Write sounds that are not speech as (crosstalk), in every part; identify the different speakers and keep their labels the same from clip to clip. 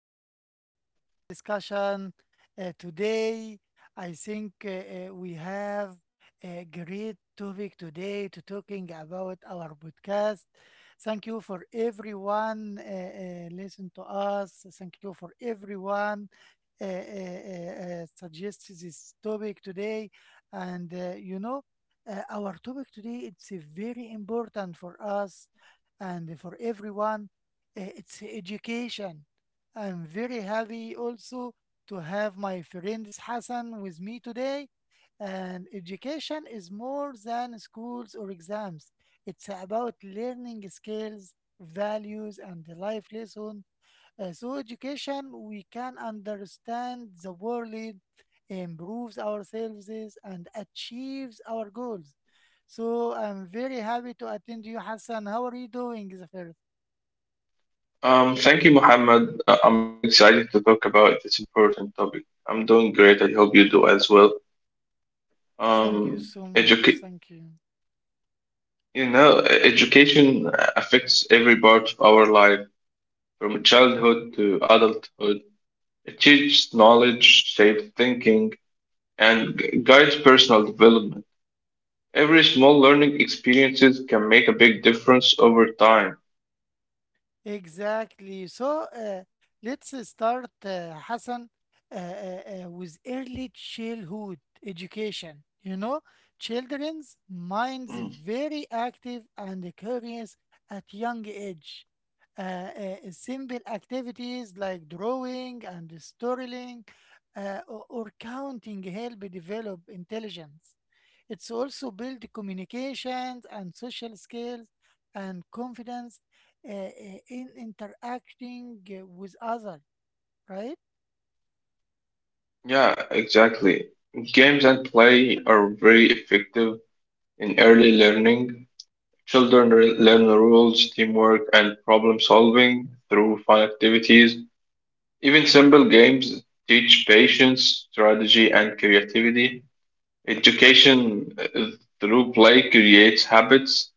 Speaker 1: our special discussion. Today, I think we have a great topic today to talking about our podcast. Thank you for everyone listen to us. Thank you for everyone suggest this topic today, and Our topic today it's very important for us and for everyone, it's education. I'm very happy also to have my friends Hassan with me today. And education is more than schools or exams. It's about learning skills, values, and the life lessons. Through education, we can understand the world, improves ourselves, and achieves our goals. So I'm very happy to attend you, Hassan. How are you doing, Zafir?
Speaker 2: Thank you, Mohammed. I'm excited to talk about this important topic. I'm doing great. I hope you do as well.
Speaker 1: Thank you
Speaker 2: Um,
Speaker 1: so much.
Speaker 2: educa-
Speaker 1: Thank you.
Speaker 2: Education affects every part of our life, from childhood to adulthood. It teaches knowledge, shapes thinking, and guides personal development. Every small learning experiences can make a big difference over time.
Speaker 1: Exactly. So let's start, Hassan, uh, uh, with early childhood education. You know, children's minds
Speaker 2: Mm,
Speaker 1: very active and curious at young age. Simple activities like drawing and storytelling or counting help develop intelligence. It's also build communications and social skills and confidence uh, uh, in interacting with others, right?
Speaker 2: yeah, exactly. Games and play are very effective in early learning. Children learn rules, teamwork, and problem solving through fun activities. Even simple games teach patience, strategy, and creativity. Education through play creates habits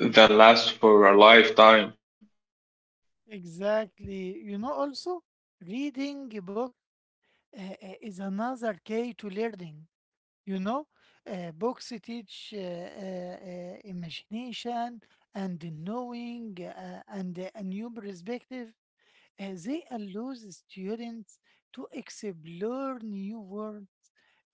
Speaker 2: that last for a lifetime.
Speaker 1: Exactly. You know, also reading a book is another key to learning. You know, books teach imagination and knowing and a new perspective. They allow the students to explore new words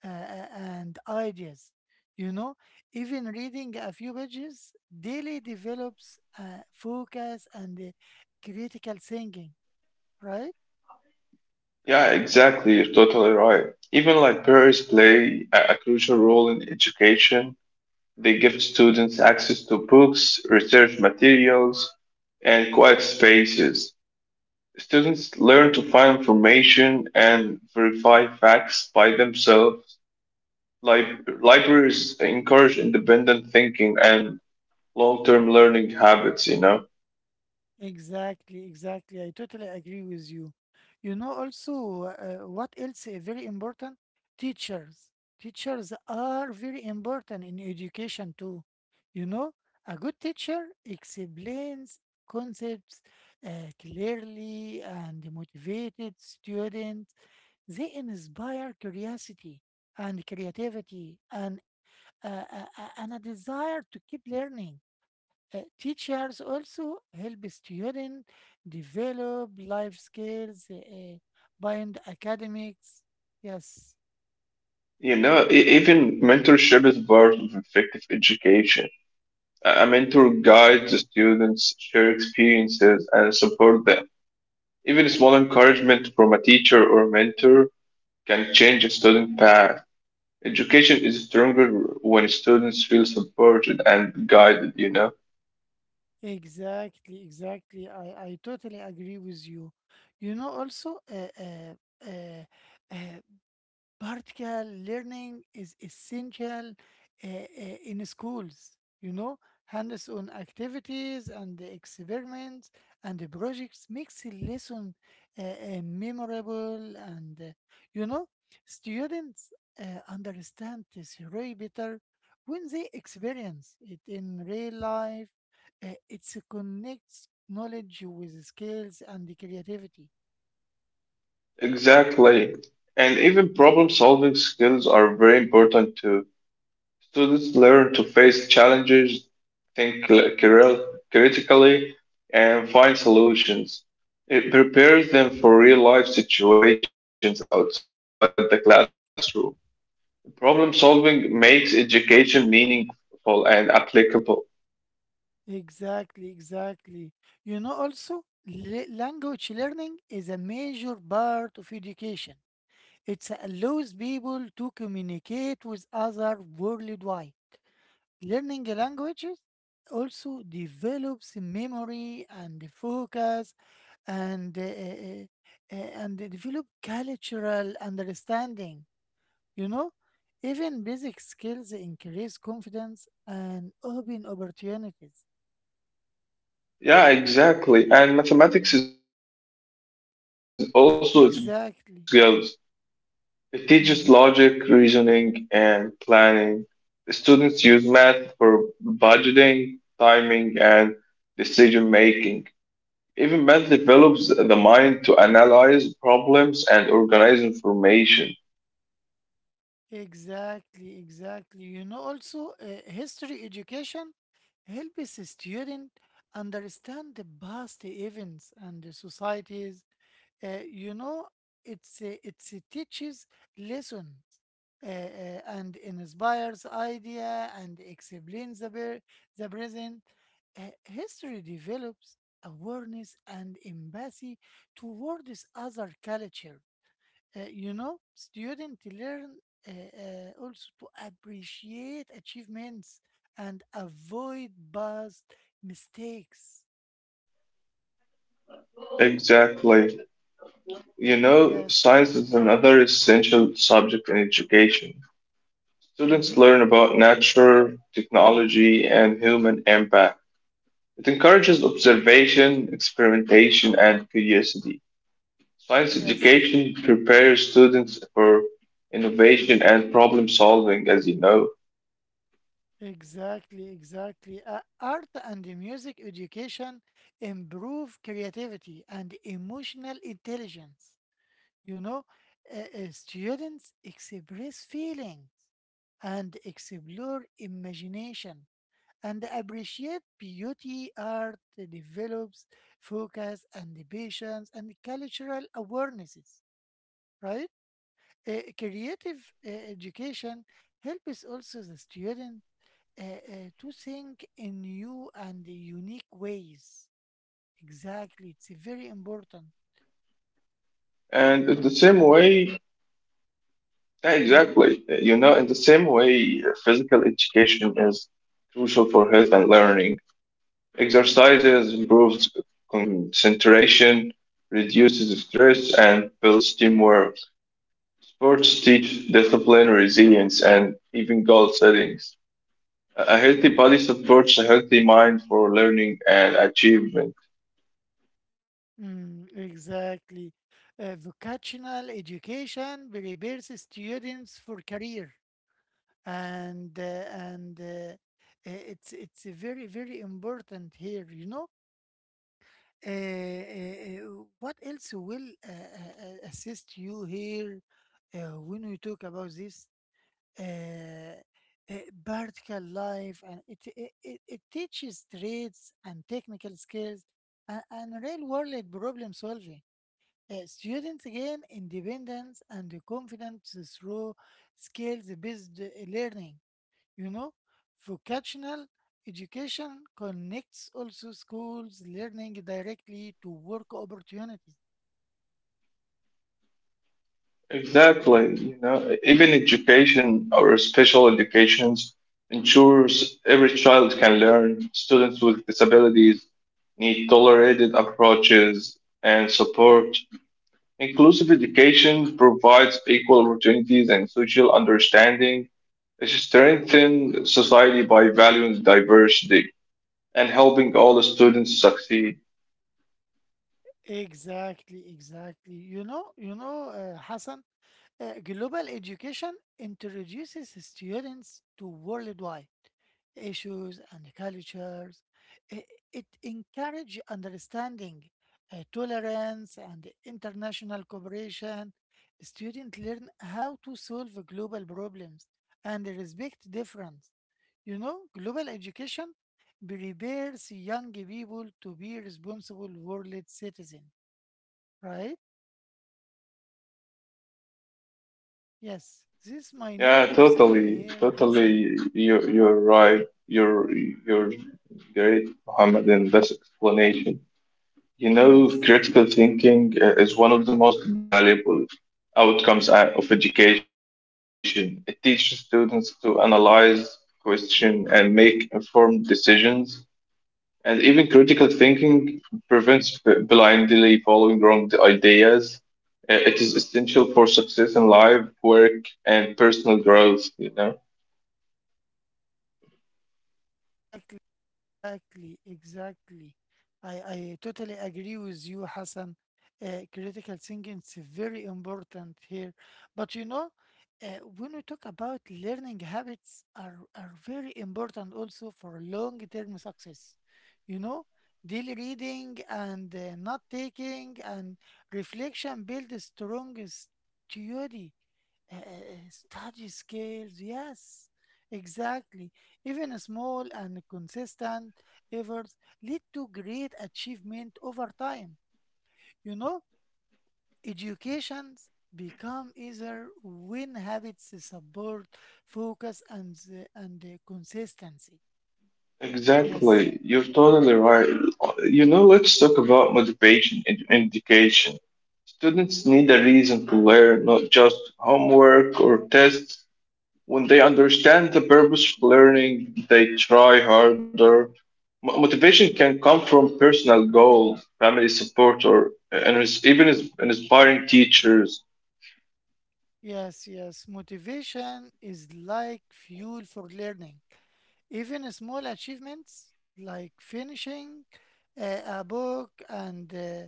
Speaker 1: and ideas. You know, even reading a few pages daily develops focus and critical thinking, right?
Speaker 2: Yeah, exactly. You're totally right. Even libraries play a crucial role in education. They give students access to books, research materials, and quiet spaces. Students learn to find information and verify facts by themselves. Libraries encourage independent thinking and long-term learning habits, you know.
Speaker 1: Exactly, exactly. I totally agree with you. You know, also, what else is very important? Teachers. Teachers are very important in education too. You know, a good teacher explains concepts uh, clearly and motivated students. They inspire curiosity and creativity and and a desire to keep learning. Teachers also help students develop life skills beyond academics. Yes,
Speaker 2: You know, even mentorship is part of effective education. A mentor guides the students, share experiences, and support them. Even small encouragement from a teacher or mentor can change a student's path. Education is stronger when students feel supported and guided, you know?
Speaker 1: exactly, exactly. I totally agree with you. You know, also, uh, Practical learning is essential in schools, you know, hands on activities and the experiments and the projects makes the lesson memorable and, you know, students understand the theory better when they experience it in real life. It connects knowledge with skills and the creativity.
Speaker 2: Exactly. And even problem solving skills are very important too. Students learn to face challenges, think critically, and find solutions. It prepares them for real life situations outside the classroom. Problem solving makes education meaningful and applicable.
Speaker 1: Exactly, exactly. You know, also, language learning is a major part of education. It allows people to communicate with others worldwide. Learning languages also develops memory and focus and and they develop cultural understanding. You know, even basic skills increase confidence and open opportunities.
Speaker 2: Yeah, exactly. And mathematics is also is important in daily life and thinking
Speaker 1: Exactly.
Speaker 2: skills. It teaches
Speaker 1: Hmm.
Speaker 2: logic, reasoning, and planning. Students use math for budgeting, timing, and decision making. Even math develops the mind to analyze problems and organize information.
Speaker 1: Exactly, exactly. You know, also history education helps a student understand the past events and the societies. You know, it's it teaches lessons and inspires idea and explains the the present. History develops awareness and empathy towards other cultures. You know, students learn also to appreciate achievements and avoid past mistakes.
Speaker 2: Exactly. You know,
Speaker 1: Yes.
Speaker 2: science is another essential subject in education.
Speaker 1: Mm-hmm.
Speaker 2: Students learn about nature, technology, and human impact. It encourages observation, experimentation, and curiosity. Science
Speaker 1: Yes.
Speaker 2: education prepares students for innovation and problem solving, as you know.
Speaker 1: Exactly. Exactly. Art and music education improve creativity and emotional intelligence. You know, students express feelings and explore imagination and appreciate beauty, art develops focus and patience and cultural awarenesses, right? Creative education helps also the student to think in new and unique ways. Exactly, it's very
Speaker 2: And in
Speaker 1: important.
Speaker 2: the same way, yeah, exactly, you know, in the same
Speaker 1: Mhm.
Speaker 2: way, physical education is crucial for health and learning. Exercises improves concentration, reduces stress, and builds teamwork. Sports teach discipline, resilience, and even goal settings. A healthy body supports a healthy mind for learning and achievement.
Speaker 1: Mm, exactly. Vocational education prepares students for career and uh, and uh, it's very very important here you know uh, uh, uh, what else will assist you here when we talk about this uh, uh, vertical life and it teaches trades and technical skills and real world problem solving. Students gain independence and confidence through skills based learning. You know, vocational education connects also schools learning directly to work opportunities.
Speaker 2: Exactly. You know, even education or special educations ensures every child can learn. Students with disabilities need tolerated approaches and support. Inclusive education provides equal opportunities and social understanding. It strengthens society by valuing diversity and helping all the students succeed.
Speaker 1: Exactly, exactly, you know, you know, Hassan, global education introduces students to worldwide issues and cultures. I- It encourages understanding, tolerance, and international cooperation. Students learn how to solve global problems and respect difference. You know, global education prepares young people to be responsible world citizens, right? Yes, this might need
Speaker 2: Yeah,
Speaker 1: to say
Speaker 2: totally,
Speaker 1: here, Hassan.
Speaker 2: totally. You're right. You're great, Muhammad, in this explanation. You know,
Speaker 1: Yes,
Speaker 2: critical thinking is one of the most valuable outcomes of education. It teaches students to analyze, question, and make informed decisions. And even critical thinking prevents blindly following wrong ideas. It is essential for success in life, work, and personal growth, you know.
Speaker 1: exactly, exactly, exactly. I totally agree with you, Hassan. Critical thinking is very important here. But you know, uh, when we talk about learning habits are very important also for long-term success. You know, daily reading and not taking and reflection build a strong Uh, study skills, yes, exactly. Even a small and consistent efforts lead to great achievement over time. You know, educations become easier when habits support focus and the consistency. Yes,
Speaker 2: Exactly. You're totally right. You know, let's talk about motivation in education. Students need a reason to learn, not just homework or tests. When they understand the purpose of learning, they try harder. Motivation can come from personal goals, family support, or and inspiring teachers.
Speaker 1: yes, yes. Motivation is like fuel for learning. Even small achievements like finishing a book and uh,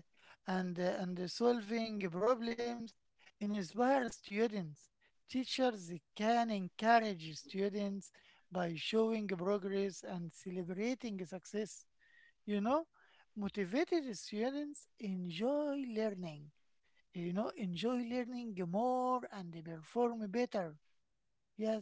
Speaker 1: and uh, and solving problems inspire students. Teachers can encourage students by showing progress and celebrating success. You know, motivated students enjoy learning. You know, enjoy learning more and perform better.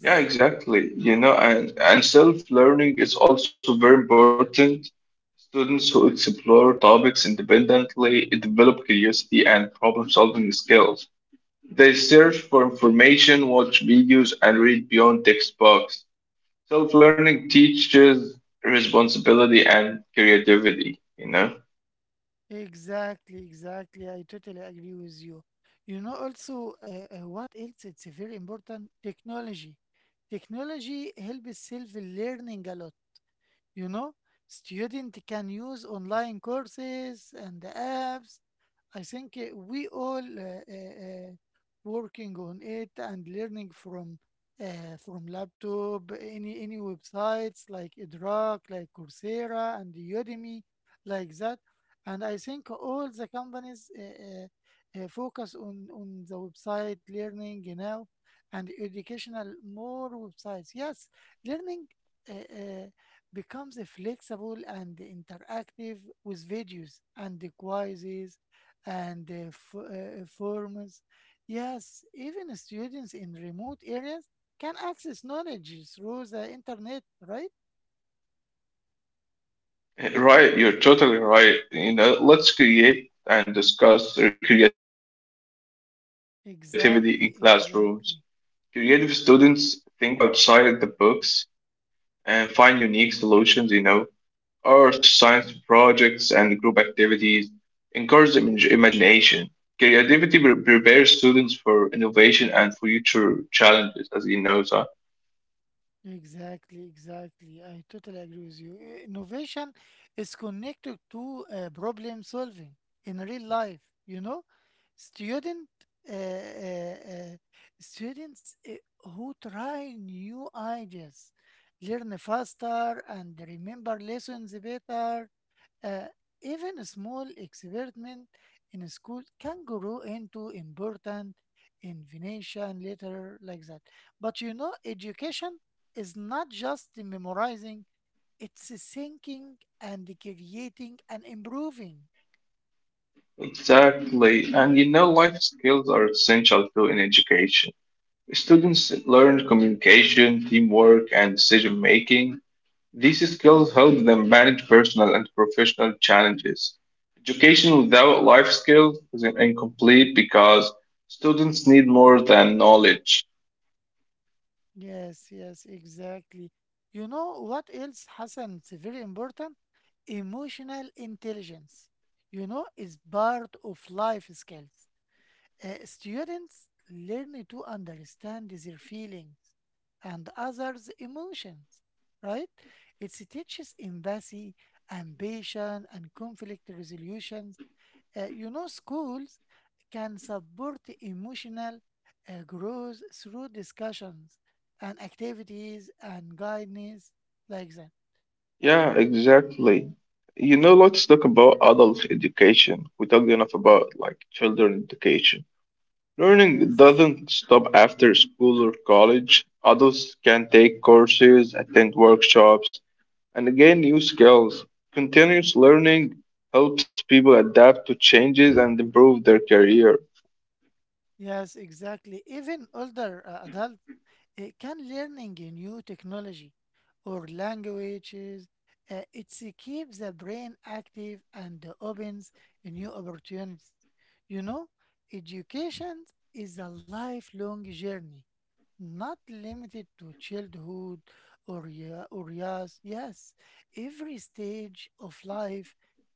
Speaker 2: Yeah, exactly. You know, and self-learning is also very important. Students who explore topics independently develop curiosity and problem-solving skills. They search for information, watch videos, and read beyond textbooks. Self-learning teaches responsibility and creativity, you know?
Speaker 1: Exactly, exactly. I totally agree with you. You know, also, what else? It's a very important technology. Technology helps self-learning a lot. You know, student can use online courses and apps. I think we all uh, uh, working on it and learning from laptop, any websites like Edrock, like Coursera and Udemy, like that. And I think all the companies focus on the website learning now and educational more websites. Yes, learning. Uh, uh, becomes flexible and interactive with videos and quizzes and forms. Yes, even students in remote areas can access knowledge through the internet, right?
Speaker 2: Right, you're totally right. You know, let's create and discuss creativity in classrooms. Creative
Speaker 1: Exactly,
Speaker 2: students think
Speaker 1: exactly.
Speaker 2: outside the box and find unique solutions, you know. Art, science projects, and group activities encourage imagination. Creativity prepares students for innovation and future challenges, as you know, sir.
Speaker 1: Exactly, exactly. I totally agree with you. Innovation is connected to problem solving in real life. You know, student uh, uh, uh, students who try new ideas learn faster and remember lessons better. Uh, even a small experiment in a school can grow into important invention later, like that. But you know, education is not just the memorizing, it's a thinking and the creating and improving.
Speaker 2: Exactly. And you know, life skills are essential too in education. Students learn communication, teamwork, and decision making. These skills help them manage personal and professional challenges. Education without life skills is incomplete because students need more than knowledge.
Speaker 1: Yes, yes, exactly. You know what else, Hassan? It's very important. Emotional intelligence, you know, is part of life skills. Students learn to understand their feelings and others' emotions, right? It teaches empathy, ambition, and conflict resolutions. You know, schools can support emotional growth through discussions and activities and guidance like that.
Speaker 2: Yeah, exactly. You know, let's talk about adult education. We talked enough
Speaker 1: Mm,
Speaker 2: about like children education. Learning
Speaker 1: yes,
Speaker 2: doesn't stop after school or college. Adults can take courses, attend workshops, and gain new skills. Continuous learning helps people adapt to changes and improve their career.
Speaker 1: yes, exactly. Even older adults can learning a new technology or languages. It keeps the brain active and opens new opportunities. You know, education is a lifelong journey, not limited to childhood or yeah, or yes yes every stage of life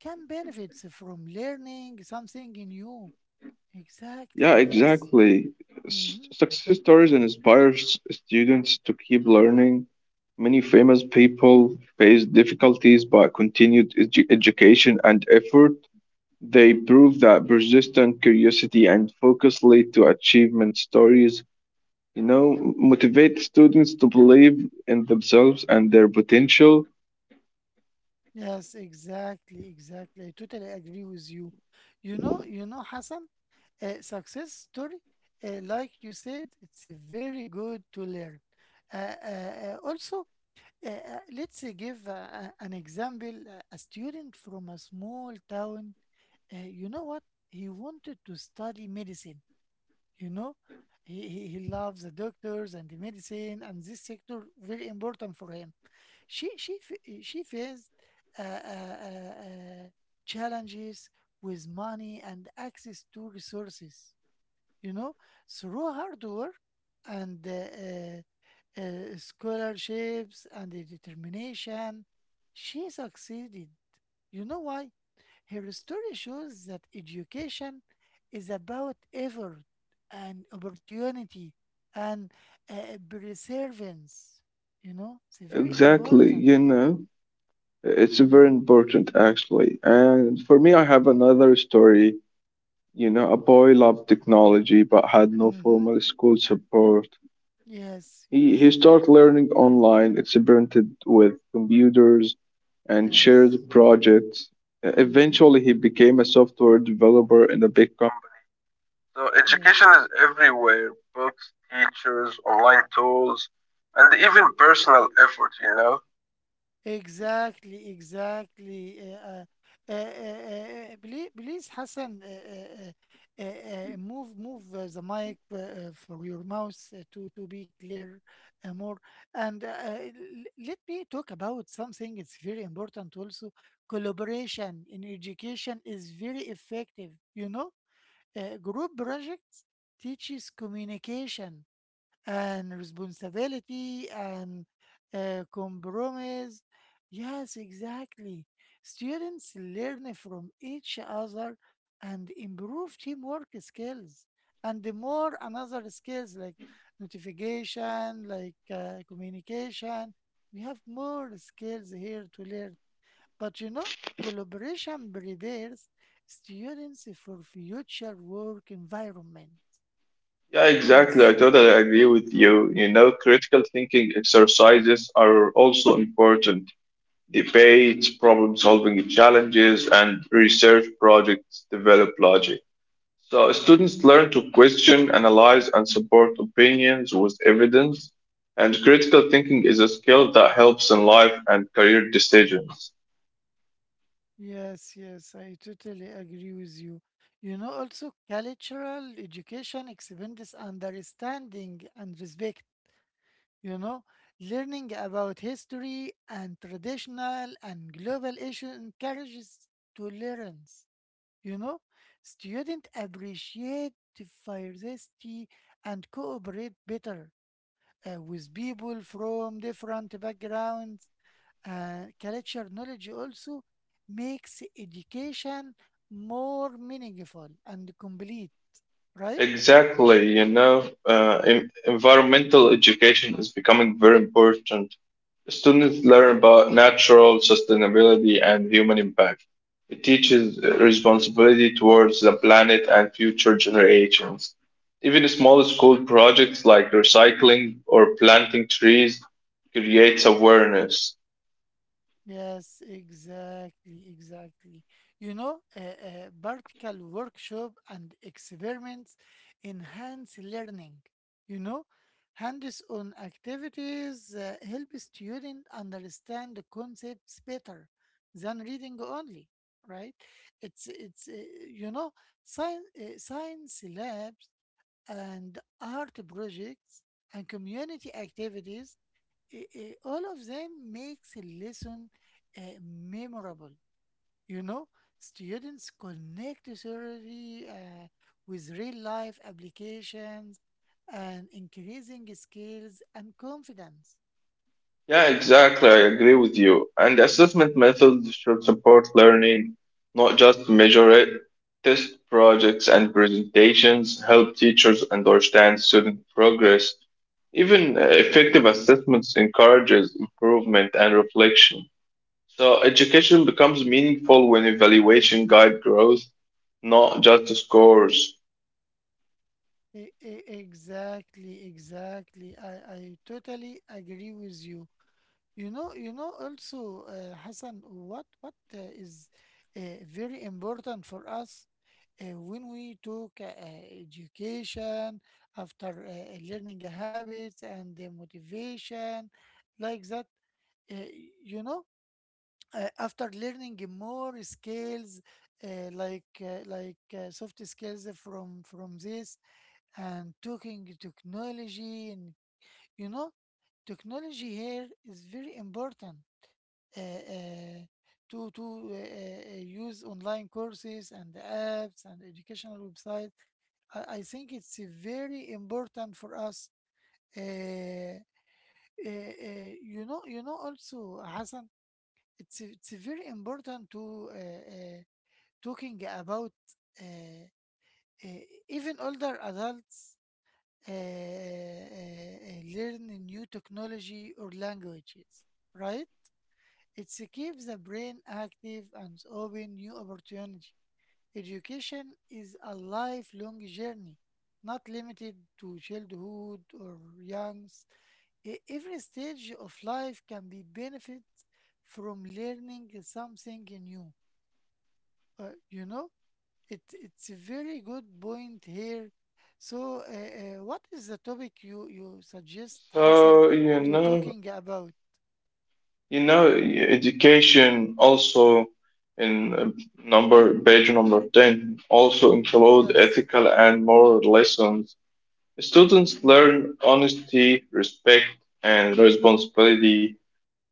Speaker 1: can benefit from learning something new.
Speaker 2: Yeah,
Speaker 1: Exactly, yes.
Speaker 2: exactly.
Speaker 1: Mm-hmm.
Speaker 2: Success stories inspire students to keep learning. Many famous people face difficulties by continued education and effort. They prove that persistent curiosity and focus lead to achievement stories, you know, motivate students to believe in themselves and their potential.
Speaker 1: Yes, exactly, exactly. I totally agree with you. You know, Hassan, a success story, like you said, it's very good to learn. Also, let's give an example. A student from a small town, you know what? He wanted to study medicine. You know, he loves the doctors and the medicine, and this sector very important for him. She faced uh, uh, uh, uh, challenges with money and access to resources. You know, through hard work and scholarships and the determination, she succeeded. You know why? Her story shows that education is about effort and opportunity and perseverance. You know, it's very
Speaker 2: Exactly,
Speaker 1: important.
Speaker 2: you know, it's very
Speaker 1: Mm-hmm.
Speaker 2: important actually. And for me, I have another story. You know, a boy loved technology but had no
Speaker 1: Mm-hmm.
Speaker 2: formal school support.
Speaker 1: Yes,
Speaker 2: He
Speaker 1: yes,
Speaker 2: started learning online, experimented with computers, and
Speaker 1: yes.
Speaker 2: shared projects. Uh,
Speaker 1: Mm-hmm.
Speaker 2: Eventually, he became a software developer in a big company. So, education
Speaker 1: Yes.
Speaker 2: is everywhere books, teachers, online tools, and even personal effort, you know?
Speaker 1: Exactly, exactly. Please, please, Hassan, move the mic for your mouse to be clear more. And let me talk about something. It's very important also. Collaboration in education is very effective. You know, group projects teaches communication and responsibility and compromise. Yes, exactly. Students learn from each other and improve teamwork skills and the more another skills like notification, like communication. We have more skills here to learn. But you know, collaboration prepares students for future work environment.
Speaker 2: Yeah, exactly.
Speaker 1: Yes,
Speaker 2: I totally agree with you. You know, critical thinking exercises are also important. Debates, problem solving challenges, and research projects develop logic. So students learn to question, analyze, and support opinions with evidence. And critical thinking is a skill that helps in life and career decisions.
Speaker 1: yes, yes, I totally agree with you. You know, also cultural education expands understanding and respect. You know, learning about history and traditional and global issues encourages tolerance. You know, students appreciate diversity and cooperate better with people from different backgrounds. Culture knowledge also makes education more meaningful and complete, right?
Speaker 2: Exactly, you know, environmental education is becoming very important. Students learn about natural sustainability and human impact. It teaches responsibility towards the planet and future generations. Even small school projects like recycling or planting trees creates awareness.
Speaker 1: Yes, exactly, exactly. You know, practical workshop and experiments enhance learning. You know, hands-on activities help students understand the concepts better than reading only, right? It's you know, science labs and art projects and community activities all of them makes a lesson memorable. You know, students connect theory with real life applications and increasing skills and confidence.
Speaker 2: Yeah, exactly. I agree with you. And assessment methods should support learning, not just measure it. Test projects and presentations help teachers understand student progress. Even effective assessments encourages improvement and reflection. So education becomes meaningful when evaluation guide growth, not just scores.
Speaker 1: Exactly, exactly. I totally agree with you. You know also, Hassan, what is uh, very important for us when we talk education, after learning habits and motivation, like that. Uh, you know, After learning more skills, soft skills from this and talking technology, and you know, technology here is very important uh, uh, to use online courses and apps and educational websites. I think it's very important for us. Also, Hassan, it's very important to talking about uh, uh, even older adults uh, uh, learn new technology or languages, right? It keeps the brain active and open new opportunity. Education is a lifelong journey, not limited to childhood or youngs. Every stage of life can be benefit from learning something new. Uh, you know, it's a very good point here. So, what is the topic you suggest, Hassan,
Speaker 2: So, you
Speaker 1: to
Speaker 2: know.
Speaker 1: talking about?
Speaker 2: You know, education also in number page number 10 also include
Speaker 1: Yes.
Speaker 2: ethical and moral lessons. Students
Speaker 1: Mhm.
Speaker 2: learn honesty, respect, and responsibility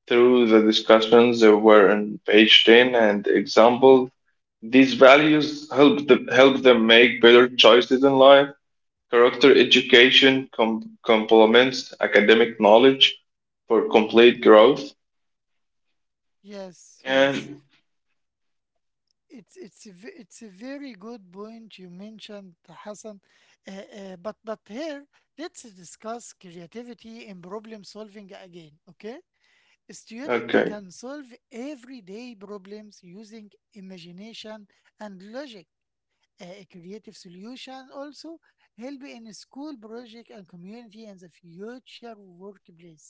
Speaker 2: through the discussions that were in page 10 and example. These values help them make better choices in life. Character education complements academic knowledge for complete growth.
Speaker 1: Yes, yes.
Speaker 2: And.
Speaker 1: It's a very good point you mentioned, Hassan. Uh, but here let's discuss creativity in problem solving again. Okay, a student
Speaker 2: Okay.
Speaker 1: can solve everyday problems using imagination and logic. A creative solution also help in school project and community and the future workplace.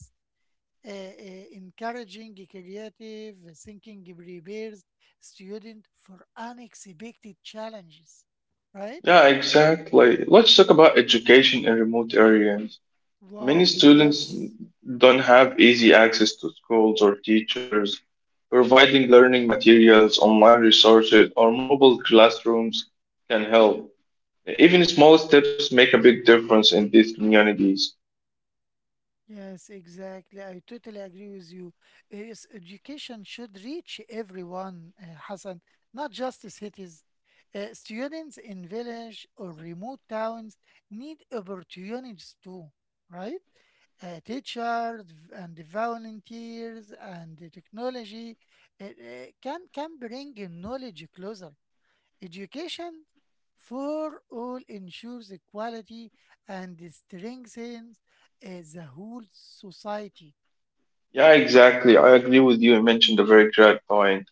Speaker 1: Encouraging creative thinking prepares student for unexpected challenges, right?
Speaker 2: Yeah, exactly. Let's talk about education in remote areas. Many
Speaker 1: Wow,
Speaker 2: students
Speaker 1: yes,
Speaker 2: don't have easy access to schools or teachers. Providing learning materials, online resources, or mobile classrooms can help. Even small steps make a big difference in these communities.
Speaker 1: yes, exactly. I totally agree with you. Yes, education should reach everyone, Hassan, not just the cities. Students in village or remote towns need opportunities too, right? Teachers and the volunteers and the technology can bring knowledge closer. Education for all ensures equality and strengthens the whole society.
Speaker 2: Yeah, exactly. I agree with you. You mentioned a very great point.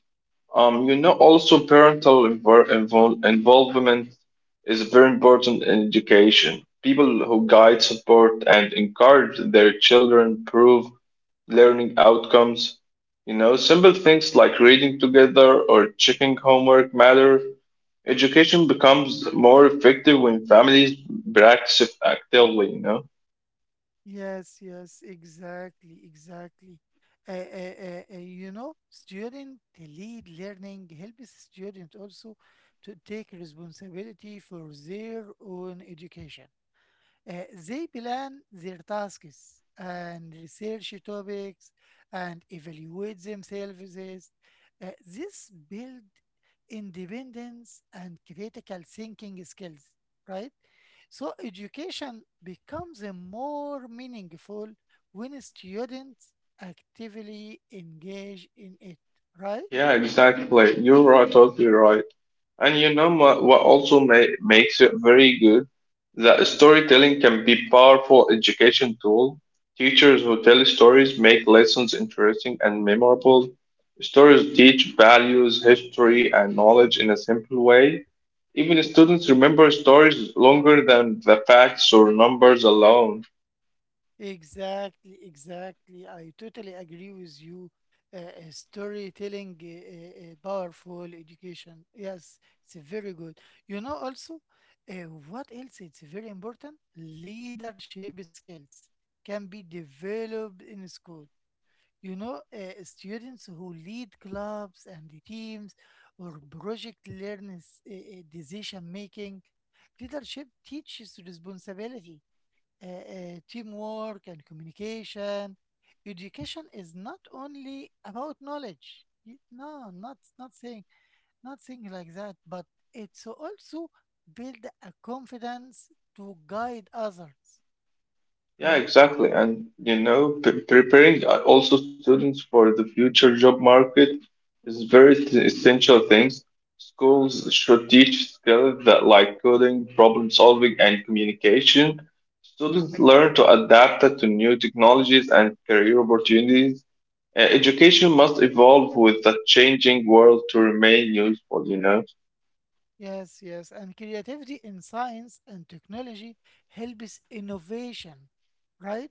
Speaker 2: You know, also parental involvement is very important in education. People who guide, support, and encourage their children improve learning outcomes. You know, simple things like reading together or checking homework matter. Education becomes more effective when families practice it actively, you know.
Speaker 1: Yes, yes, exactly, exactly. Student lead learning helps student also to take responsibility for their own education. They plan their tasks and research topics and evaluate themselves. This build independence and critical thinking skills, right? So education becomes a more meaningful when students actively engage in it, right?
Speaker 2: Yeah, exactly. You're right, totally right. And you know ma- what also ma makes it very good? That storytelling can be powerful education tool. Teachers who tell stories make lessons interesting and memorable. Stories teach values, history, and knowledge in a simple way. Even students remember stories longer than the facts or numbers alone.
Speaker 1: Exactly, exactly. I totally agree with you. Storytelling, powerful education. Yes, it's very good. You know, also, uh, what else? It's very important. Leadership skills can be developed in school. You know, students who lead clubs and the teams or project learn decision making. Leadership teaches responsibility, teamwork, and communication. Education is not only about knowledge. No, not saying not saying like that, but it's also build a confidence to guide others,
Speaker 2: Yeah,
Speaker 1: right?
Speaker 2: exactly. And you know, p preparing also students for the future job market is very essential things. Schools should teach skills that like coding, problem solving, and communication. Students learn to adapt to new technologies and career opportunities. Education must evolve with the changing world to remain useful, you know.
Speaker 1: Yes, yes, and creativity in science and technology helps innovation, right?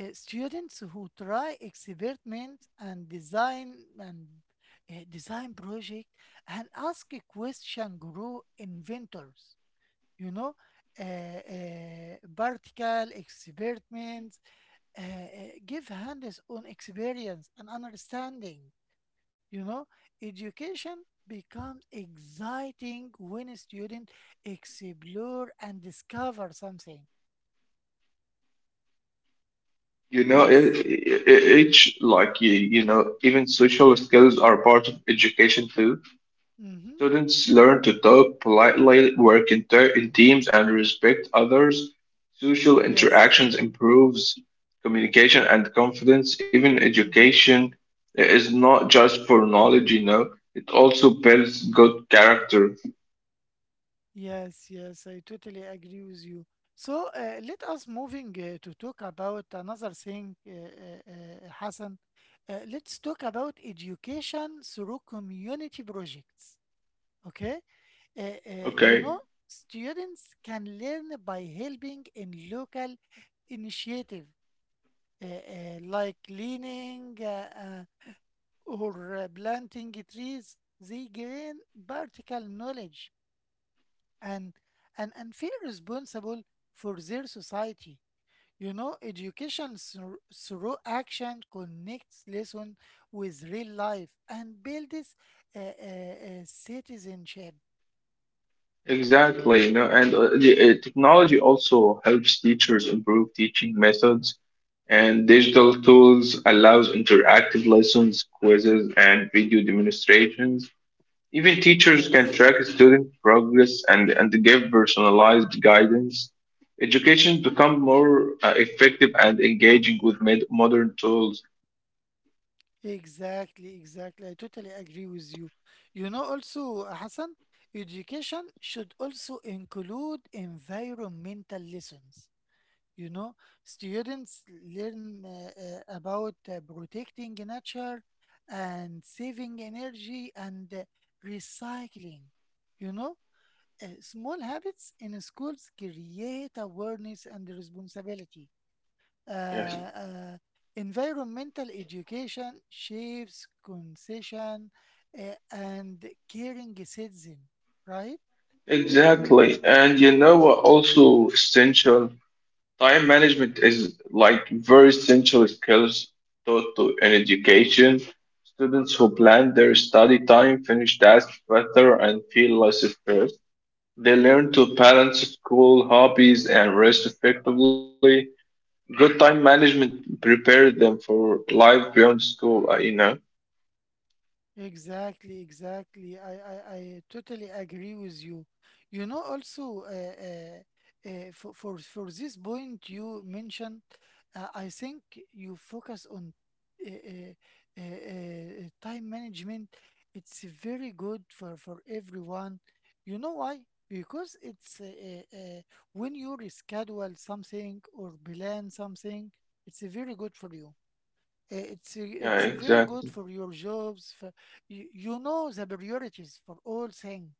Speaker 1: Students who try experiments and design project and ask a question grow inventors. You know, vertical experiments give hands-on experience and understanding. You know, education becomes exciting when a student explore and discover something.
Speaker 2: You know,
Speaker 1: Yes.
Speaker 2: each like you know, even social skills are part of education too.
Speaker 1: Mm-hmm.
Speaker 2: Students learn to talk politely, work in teams, and respect others. Social
Speaker 1: Yes.
Speaker 2: interactions improves communication and confidence. Even
Speaker 1: Mm-hmm.
Speaker 2: education is not just for knowledge, you know, it also builds good character.
Speaker 1: Yes, yes, I totally agree with you. So let us moving to talk about another thing, Hassan. Let's talk about education through community projects. Okay? Uh, uh, you know,
Speaker 2: Okay,
Speaker 1: Students can learn by helping in local initiative like cleaning or planting trees. They gain practical knowledge and and feel responsible for their society. You know, education through action connects lesson with real life and builds citizenship.
Speaker 2: exactly, you know, and technology also helps teachers improve teaching methods and digital tools allows interactive lessons, quizzes, and video demonstrations. Even teachers
Speaker 1: Yes.
Speaker 2: can track student progress and, give personalized guidance. Education become more effective and engaging with modern tools.
Speaker 1: Exactly, exactly. I totally agree with you. You know, also, Hassan, education should also include environmental lessons. You know, students learn about protecting nature and saving energy and recycling. You know, small habits in schools create awareness and responsibility.
Speaker 2: Yes,
Speaker 1: Uh, uh, Environmental education shapes concession and caring citizen, right?
Speaker 2: exactly. And you know what? Also essential time management is like very essential skills taught to in education. Students who plan their study time finish tasks better and feel less stressed. They learn to balance school, hobbies, and rest effectively. Good time management prepared them for life beyond school, you know?
Speaker 1: Exactly, exactly. I totally agree with you. You know, also, for this point you mentioned, I think you focus on uh, uh, time management. It's very good for everyone. You know why? Because it's when you reschedule something or plan something, it's very good for you. It's
Speaker 2: Yeah,
Speaker 1: very good for
Speaker 2: exactly.
Speaker 1: your jobs. For, you know the priorities for all thing,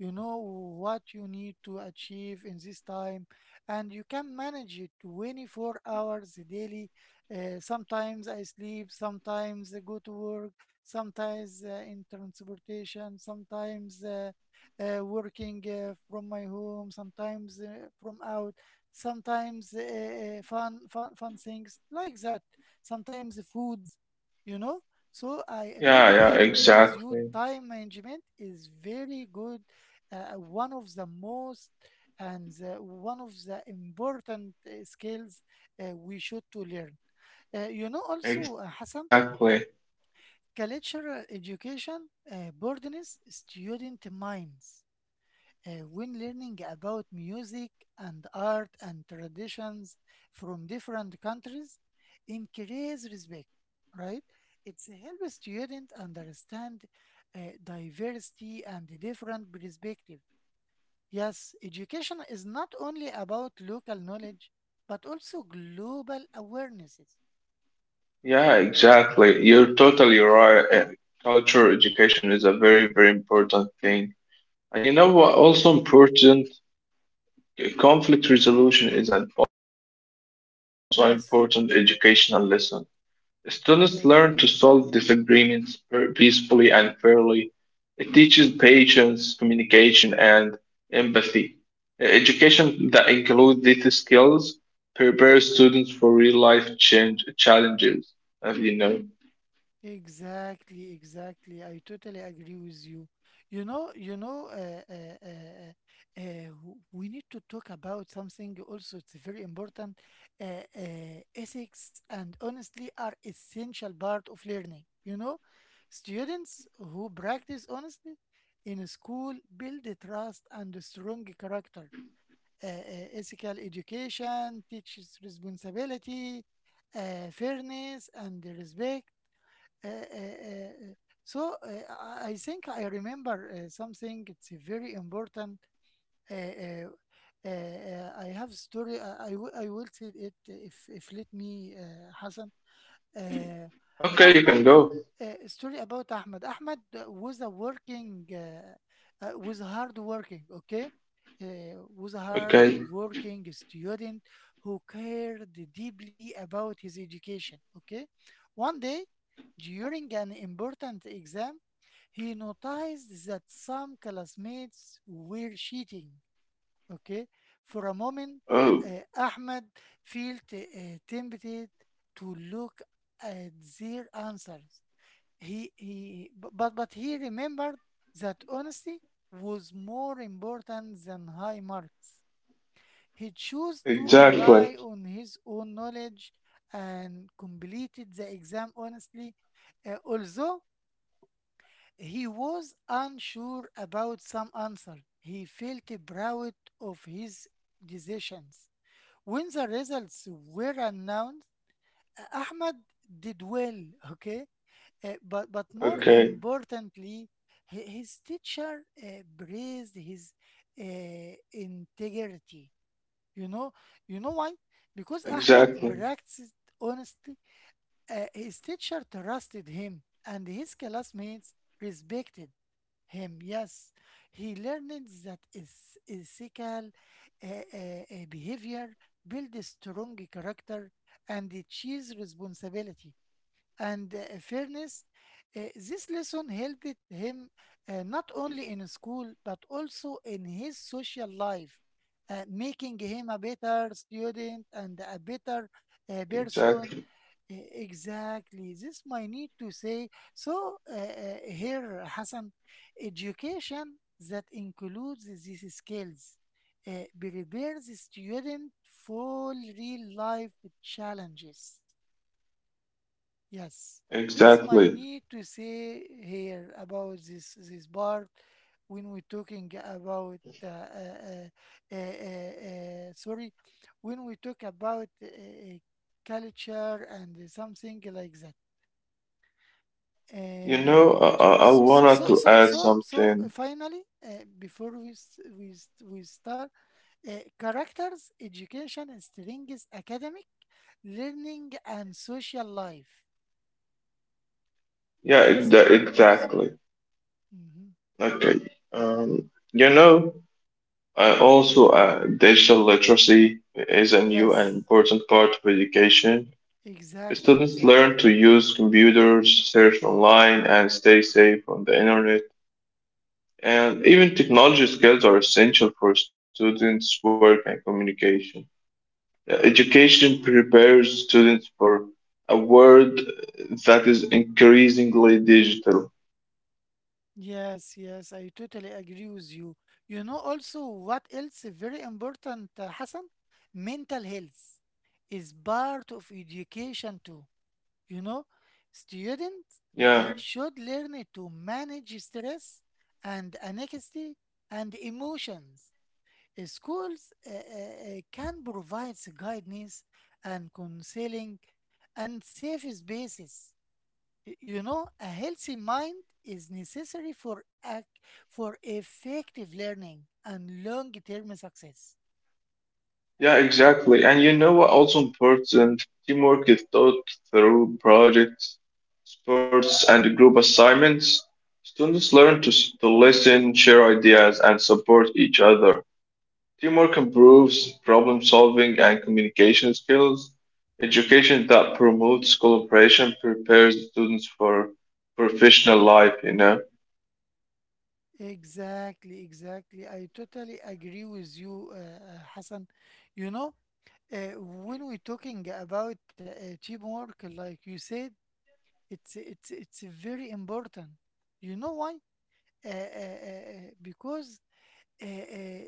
Speaker 1: you know what you need to achieve in this time, and you can manage it 24 hours daily. Sometimes I sleep, sometimes I go to work, sometimes in transportation, sometimes working from my home, sometimes from out, sometimes fun things like that, sometimes foods, you know. So I
Speaker 2: Yeah,
Speaker 1: totally
Speaker 2: yeah,
Speaker 1: agree with you.
Speaker 2: exactly.
Speaker 1: Time management is very good, one of the most and the, one of the important skills we should to learn. You know also, Hassan,
Speaker 2: Exactly.
Speaker 1: cultural education broadens student minds. When learning about music and art and traditions from different countries, increase respect, right? It helps students understand diversity and different perspectives. Yes, education is not only about local knowledge, but also global awarenesses.
Speaker 2: Yeah, exactly. You're totally right. Cultural education is a very, very important thing. And you know what also important? Conflict resolution is an also important educational
Speaker 1: Yes,
Speaker 2: lesson. Students learn to solve
Speaker 1: yes.
Speaker 2: disagreements peacefully and fairly. It teaches patience, communication, and empathy. Education that includes these skills prepares students for real life change challenges, as you know.
Speaker 1: Exactly, exactly. I totally agree with you. You know, w- We need to talk about something also. It's very important. Uh, Ethics and honestly are essential part of learning. You know, students who practice honestly in school build a trust and a strong character. Ethical education teaches responsibility, fairness, and the respect. uh, uh, uh, uh, so uh, I think I remember something. It's a very important. Uh, uh, I have story. I will tell it if let me, Hassan. Uh,
Speaker 2: Okay, you
Speaker 1: Ahmed,
Speaker 2: can go.
Speaker 1: story about Ahmed. Ahmed was hard working. Okay, was a hard
Speaker 2: Okay.
Speaker 1: working student who cared deeply about his education. Okay, one day during an important exam, he noticed that some classmates were cheating. Okay, for a moment,
Speaker 2: Oh,
Speaker 1: uh, Ahmed felt tempted to look at their answers. But he remembered that honesty was more important than high marks. He chose to
Speaker 2: exactly.
Speaker 1: rely on his own knowledge and completed the exam honestly, although he was unsure about some answer. He felt proud of his decisions. When the results were announced, Ahmad did well, okay? But more
Speaker 2: Okay,
Speaker 1: importantly, his teacher praised his integrity. You know, you know why? Because Ahmad
Speaker 2: exactly,
Speaker 1: practiced honestly. His teacher trusted him, and his classmates respected him. Yes, he learned that is ethical behavior builds strong character and it cheers responsibility and fairness. This lesson helped him not only in school but also in his social life, making him a better student and a
Speaker 2: exactly,
Speaker 1: better person. Exactly. This might need to say. So here, Hassan, education that includes these skills uh, prepares the student for real life challenges. Yes, this
Speaker 2: exactly.
Speaker 1: might need to say here about this part when we're talking about sorry, when we talk about culture and something like that.
Speaker 2: You know,
Speaker 1: It j-
Speaker 2: I
Speaker 1: s- s-
Speaker 2: wanted
Speaker 1: so
Speaker 2: to
Speaker 1: so
Speaker 2: add
Speaker 1: so so
Speaker 2: something.
Speaker 1: Finally, before we start, characters, education, and strings, academic, learning, and social life.
Speaker 2: Yeah,
Speaker 1: This might need to say.
Speaker 2: exactly.
Speaker 1: Hmm.
Speaker 2: Okay. Um, you know. Uh, also,
Speaker 1: Yeah.
Speaker 2: uh, digital literacy is a new and
Speaker 1: Yes.
Speaker 2: important part of education.
Speaker 1: Exactly.
Speaker 2: Students
Speaker 1: Exactly.
Speaker 2: learn to use computers, search online, and stay safe on the internet. And even technology skills are essential for students' work and communication. Education prepares students for a world that is increasingly digital.
Speaker 1: Yes. Yes. I totally agree with you. You know also what else is very important, Hassan? Mental health is part of education too. You know, students
Speaker 2: Yeah.
Speaker 1: should learn to manage stress and anxiety and emotions. Schools can provide guidance and counseling and safe spaces. You know, a healthy mind is necessary for effective learning and long-term success.
Speaker 2: Yeah, exactly. And you know what also important? Teamwork is taught through projects, sports, and group assignments. Students learn to, to listen, share ideas, and support each other. Teamwork improves problem solving and communication skills. Education that promotes cooperation prepares students for professional life, you know?
Speaker 1: Exactly, exactly. I totally agree with you, Hassan. You know, when we're talking about teamwork, like you said, it's very important. You know why? Because uh, uh,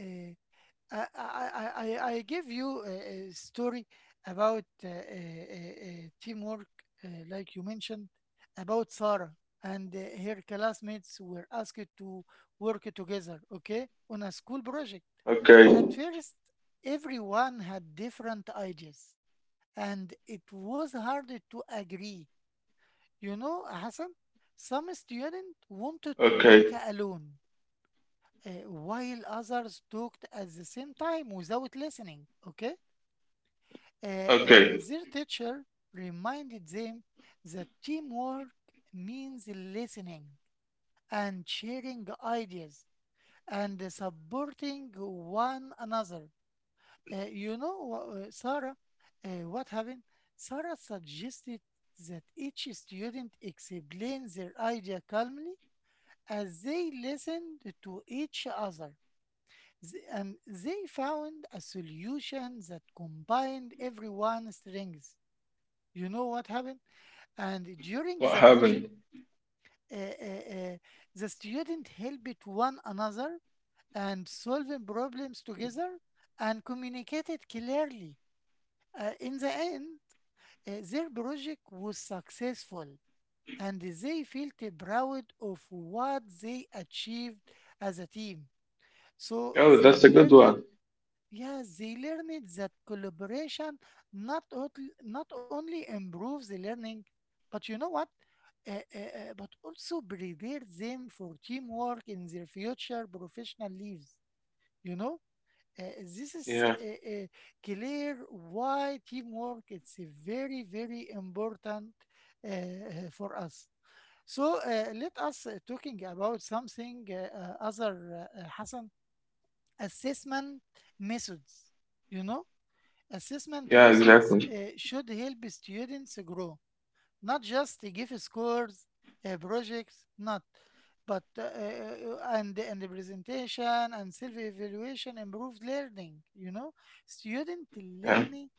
Speaker 1: uh, I give you a story about teamwork, like you mentioned, about Sarah, and her classmates were asked to work together, okay, on a school project.
Speaker 2: Okay,
Speaker 1: At first, everyone had different ideas and it was hard to agree. You know, Hassan, some students
Speaker 2: okay,
Speaker 1: wanted to work alone, while others talked at the same time without listening. Okay?
Speaker 2: okay.
Speaker 1: Their teacher reminded them that teamwork means listening and sharing ideas and supporting one another. Sarah, what happened? Sarah suggested that each student explain their idea calmly as they listened to each other. And they found a solution that combined everyone's strengths. You know what happened? And
Speaker 2: What
Speaker 1: during the
Speaker 2: happened?
Speaker 1: project, uh, uh, uh, the student helped one another and solving problems together and communicated clearly. In the end, their project was successful and they felt proud of what they achieved as a team. So
Speaker 2: Oh, that's
Speaker 1: they
Speaker 2: a good
Speaker 1: learned,
Speaker 2: one.
Speaker 1: yeah, they learned that collaboration not, ot- not only improves the learning, but you know what? But also prepared them for teamwork in their future professional lives, you know? This is
Speaker 2: Yeah,
Speaker 1: clear why teamwork it's a very very important for us. So let us talking about something other Hassan assessment methods. You know, assessment
Speaker 2: yeah,
Speaker 1: methods
Speaker 2: exactly.
Speaker 1: should help students grow not just to give scores, projects, not, but and the presentation and self-evaluation improved learning. You know, student
Speaker 2: Yeah.
Speaker 1: learning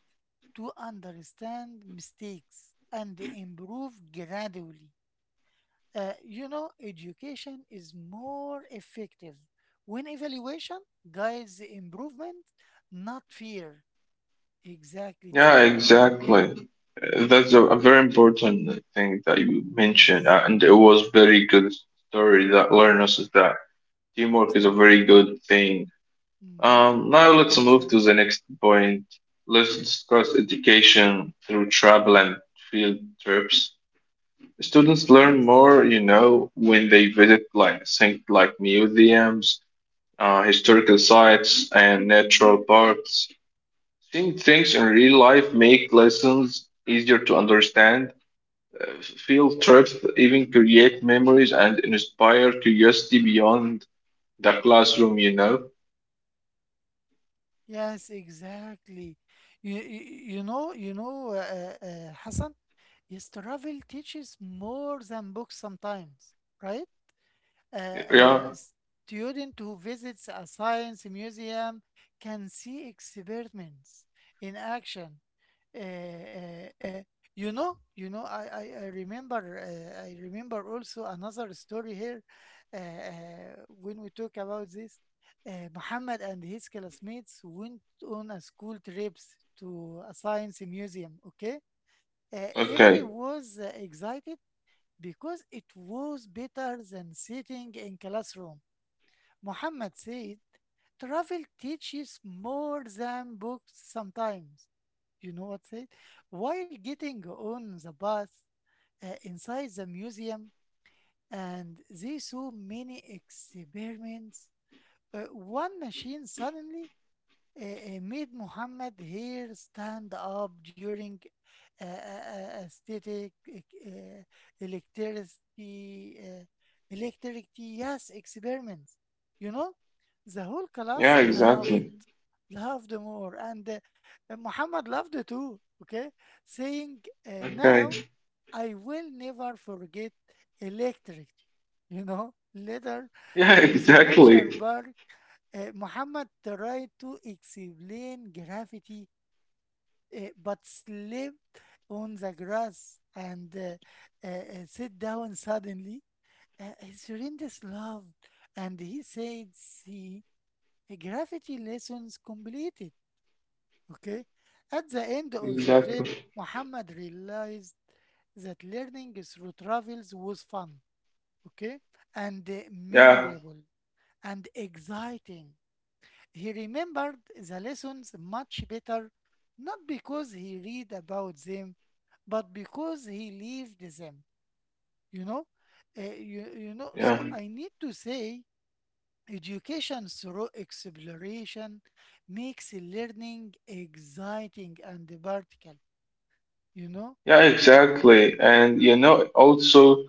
Speaker 1: to understand mistakes and improve gradually. You know, education is more effective when evaluation guides the improvement, not fear. Exactly, it's
Speaker 2: Yeah,
Speaker 1: very
Speaker 2: exactly.
Speaker 1: important.
Speaker 2: That's a very important thing that you mentioned,
Speaker 1: Yes,
Speaker 2: and it was very good story that learned us is that teamwork is a
Speaker 1: thank you.
Speaker 2: very good thing.
Speaker 1: Mhm.
Speaker 2: Now let's move to the
Speaker 1: Exactly.
Speaker 2: next point. Let's discuss education through travel and field trips. Students learn
Speaker 1: Yes.
Speaker 2: more, you know, when they visit like things like museums, historical sites, and natural parks. Seeing things in real life make lessons easier to understand. Field trips even create memories and inspire curiosity beyond the classroom, you know?
Speaker 1: Yes, exactly. You, you, Hassan, yes, travel teaches more than books sometimes, right? Uh, uh,
Speaker 2: Yeah,
Speaker 1: Student who visits a science museum can see experiments in action. uh, uh, uh, I remember also another story here uh, uh, when we talk about this. Muhammad and his classmates went on a school trips to a science museum. Okay,
Speaker 2: okay.
Speaker 1: everyone was excited because it was better than sitting in classroom. Muhammad said, travel teaches more than books sometimes. You know what said? While getting on the bus, inside the museum, and they saw many experiments. One machine suddenly made Muhammad here stand up during uh, uh, static uh, electricity uh, electricity, yes, experiments. You know, the whole class
Speaker 2: Yeah,
Speaker 1: loved
Speaker 2: exactly.
Speaker 1: loved more and Muhammad loved it too. Okay, saying
Speaker 2: Okay.
Speaker 1: now, I will never forget electricity. You know, later
Speaker 2: Yeah, (laughs)
Speaker 1: in the nature
Speaker 2: exactly.
Speaker 1: park, Muhammad tried to explain gravity, but slipped on the grass and sat down suddenly. His friend is loved, and he said, see, gravity lessons complete. Okay. At the end of the trip,
Speaker 2: Exactly.
Speaker 1: Muhammad realized that learning through travels was fun, okay, and
Speaker 2: Yeah,
Speaker 1: memorable and exciting. He remembered the lessons much better, not because he read about them, but because he lived them. You know,
Speaker 2: yeah.
Speaker 1: So I need to say, education through exploration makes learning exciting and practical You know?
Speaker 2: Yeah,
Speaker 1: Eh,
Speaker 2: exactly. And you know, also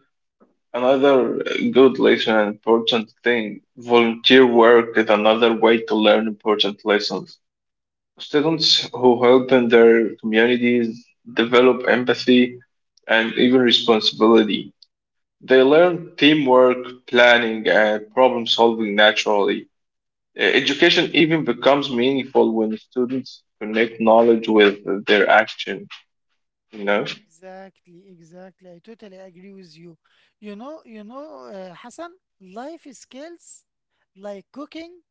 Speaker 2: another good lesson and important thing, volunteer work is another way to learn important lessons. Students who help in their communities develop empathy and even responsibility. They learn teamwork, planning, and problem solving naturally. Education even becomes meaningful when students connect knowledge with their action, you know?
Speaker 1: Exactly, exactly. I totally agree with you. Hassan, life skills like cooking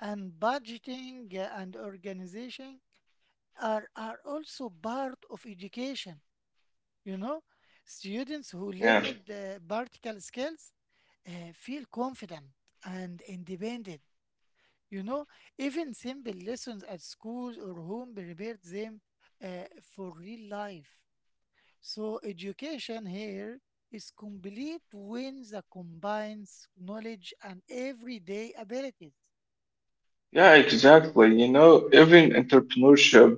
Speaker 1: and budgeting, and organization are also part of education. You know, students who
Speaker 2: Yeah.
Speaker 1: learned practical skills feel confident and independent. You know, even simple lessons at school or home prepared them uh, for real life. So education here is complete wins that combines knowledge and everyday abilities.
Speaker 2: Yeah, exactly. You know, even entrepreneurship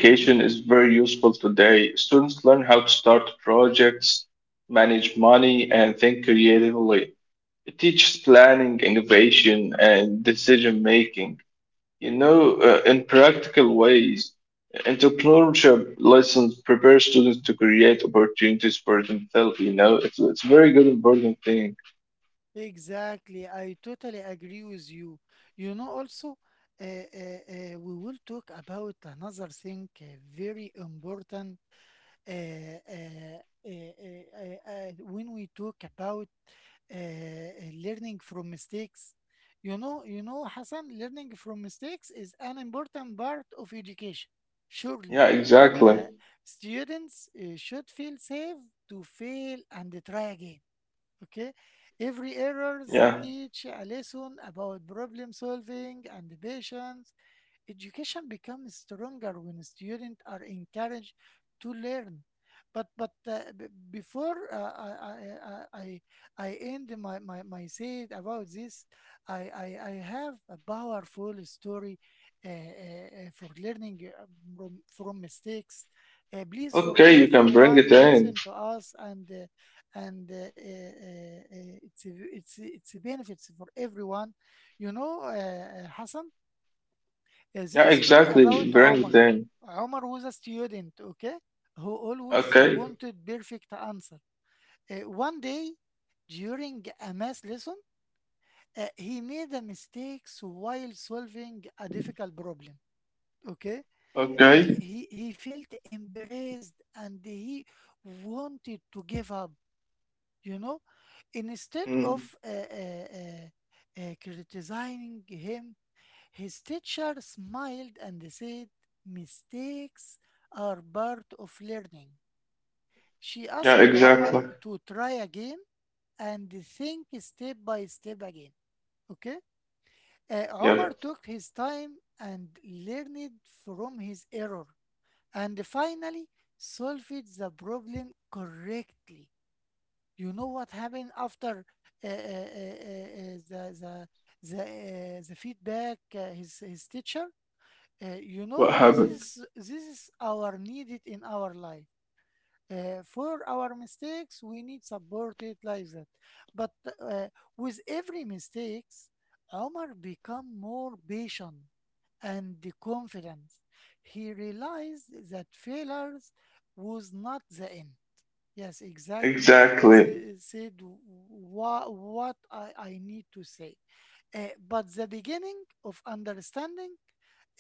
Speaker 1: Mm-hmm.
Speaker 2: is very useful today. Students learn how to start projects, manage money, and think creatively. It teaches planning, innovation, and decision making. You know, in practical ways, entrepreneurship lessons prepare students to create opportunities for themselves. You know, it's a very good important thing.
Speaker 1: Exactly, I totally agree with you. You know, also, we will talk about another thing, very important, uh, uh, when we talk about learning from mistakes. Hassan, learning from mistakes is an important part of education. Surely,
Speaker 2: Yeah, exactly.
Speaker 1: uh, students should feel safe to fail and try again. Okay, every errors
Speaker 2: Yeah.
Speaker 1: teach a lesson about problem solving and patience. Education becomes stronger when students are encouraged to learn. Before I end my say about this, I have a powerful story for learning from mistakes. Please, for
Speaker 2: Okay, you can bring it
Speaker 1: everyone,
Speaker 2: in.
Speaker 1: listen to us and it's a benefits for everyone. You know, Hassan. This
Speaker 2: Yeah,
Speaker 1: is story
Speaker 2: exactly.
Speaker 1: about
Speaker 2: Bring it
Speaker 1: Omar.
Speaker 2: in.
Speaker 1: Omar was a student, okay, who always
Speaker 2: Okay.
Speaker 1: wanted perfect answer. One day, during a math lesson, he made a mistake while solving a difficult problem. Okay.
Speaker 2: Okay.
Speaker 1: He felt embarrassed and he wanted to give up. You know, instead of
Speaker 2: Mm.
Speaker 1: uh, uh, uh, criticizing him, his teacher smiled and said, mistakes are part of learning. She
Speaker 2: Yeah,
Speaker 1: asked
Speaker 2: exactly.
Speaker 1: Omar to try again and think step by step again. Okay? Omar
Speaker 2: Yeah.
Speaker 1: took his time and learned from his error and finally solved the problem correctly. You know what happened after uh, uh, uh, uh, uh, the, the, the feedback, his teacher? You know,
Speaker 2: What happened?
Speaker 1: this is our needed in our life. For our mistakes, we need supported like that. But uh, with every mistakes, Omar become more patient and confident. He realized that failures was not the end. Yes, exactly.
Speaker 2: Exactly.
Speaker 1: Said what I need to say. But the beginning of understanding,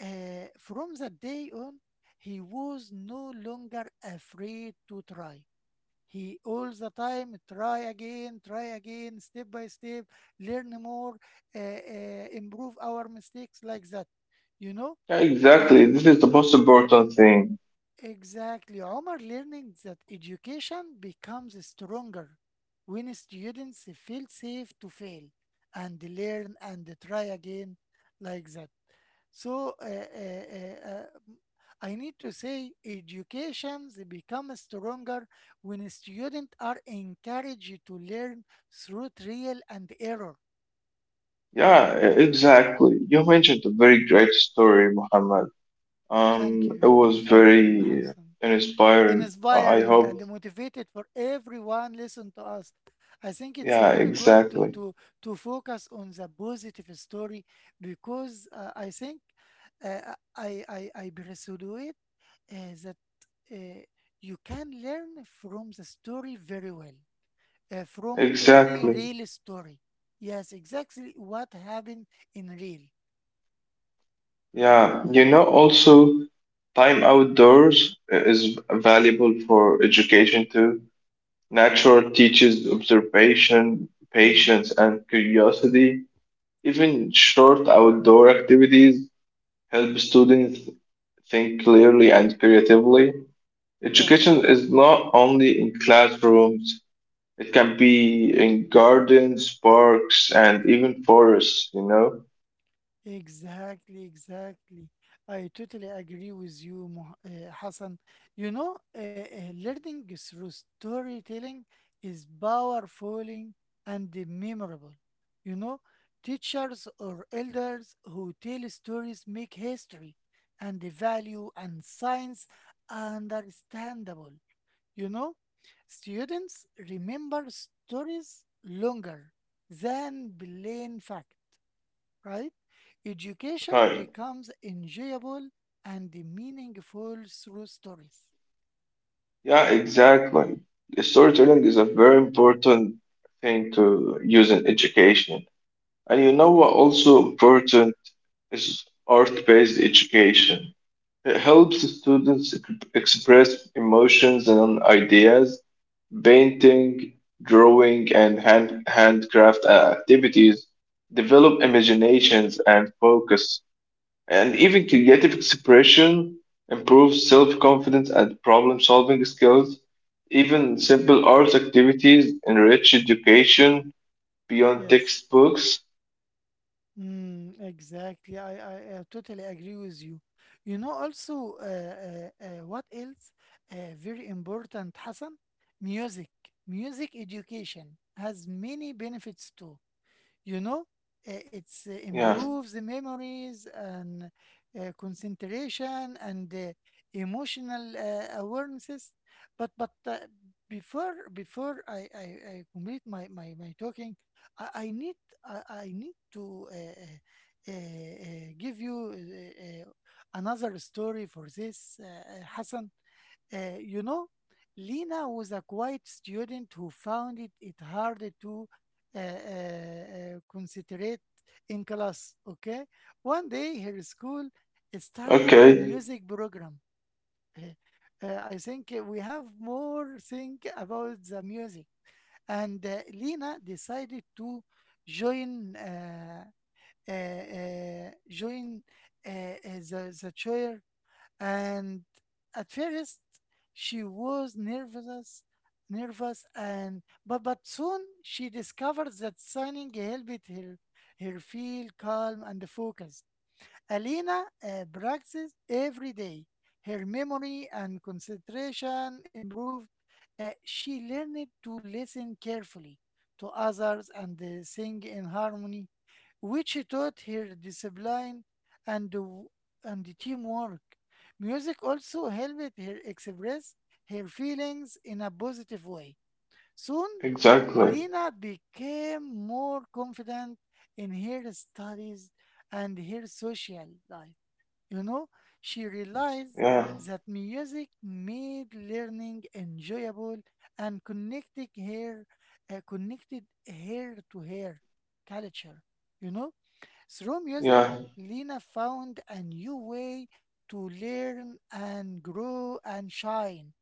Speaker 1: from that day on, he was no longer afraid to try. He all the time try again, step by step, learn more, improve our mistakes like that. You know,
Speaker 2: Yeah,
Speaker 1: uh,
Speaker 2: exactly. This is the most important thing.
Speaker 1: exactly. Omar learning that education becomes stronger when students feel safe to fail and learn and try again like that. So m- I need to say education becomes stronger when students are encouraged to learn through trial and error.
Speaker 2: Yeah, exactly. You mentioned a very great story, Muhammad.
Speaker 1: Thank
Speaker 2: It
Speaker 1: you.
Speaker 2: was
Speaker 1: Thank you,
Speaker 2: very
Speaker 1: Hassan.
Speaker 2: inspiring. I
Speaker 1: Inspiring
Speaker 2: hope.
Speaker 1: and motivated for everyone listen to us. I think it's
Speaker 2: Yeah,
Speaker 1: very good to
Speaker 2: exactly.
Speaker 1: to to focus on the positive story because I think I persuaded that uh, you can learn from the story very well from any
Speaker 2: Exactly.
Speaker 1: real story. Yes, exactly what happened in real.
Speaker 2: Yeah, you know, also time outdoors is valuable for education too. Nature teaches observation, patience,
Speaker 1: Mm-hmm.
Speaker 2: and curiosity. Even short outdoor activities help students think clearly and creatively.
Speaker 1: Yes.
Speaker 2: Education is not only in classrooms, it can be in gardens, parks, and even forests, you know?
Speaker 1: Exactly, exactly. I totally agree with you, Hassan. You know, learning through storytelling is powerful and memorable. You know, teachers or elders who tell stories make history and the value and science understandable. You know, students remember stories longer than plain fact, right? Education
Speaker 2: Right.
Speaker 1: becomes enjoyable and meaningful through stories.
Speaker 2: Yeah, exactly. Storytelling is a very important thing to use in education. And you know what
Speaker 1: Yes.
Speaker 2: also important is art-based education. It helps students express emotions and ideas. Painting, drawing, and hand, handcraft activities develop imaginations and focus, and even creative expression improves self-confidence and problem-solving skills. Even
Speaker 1: Mhm.
Speaker 2: simple arts activities enrich education beyond
Speaker 1: Yes.
Speaker 2: textbooks.
Speaker 1: Exactly. I totally agree with you. You know, also, what else? Very important, Hassan. Music. Music education has many benefits too. You know, it's
Speaker 2: Yeah.
Speaker 1: improves the memories and concentration and emotional awarenesses. But before I complete my talking, I need I need to give you another story for this, Hassan. You know, Lena was a quiet student who found it hard to uh, uh, concentrate in class. Okay, one day her school
Speaker 2: Okay.
Speaker 1: started a music program. Uh, I think we have more think about the music, and Lena decided to join. Uh, join the choir, and at first she was nervous and but soon she discovered that signing helped her feel calm and focused. Alina practiced every day. Her memory and concentration improved. She learned to listen carefully to others and sing in harmony, which taught her discipline and, w- and teamwork. Music also helped her express her feelings in a positive way. Soon,
Speaker 2: Exactly.
Speaker 1: Lena became more confident in her studies and her social life. You know, she realized
Speaker 2: Yeah.
Speaker 1: that music made learning enjoyable and connected her to her culture. You know, through music,
Speaker 2: Yeah.
Speaker 1: Lena found a new way to learn and grow and shine.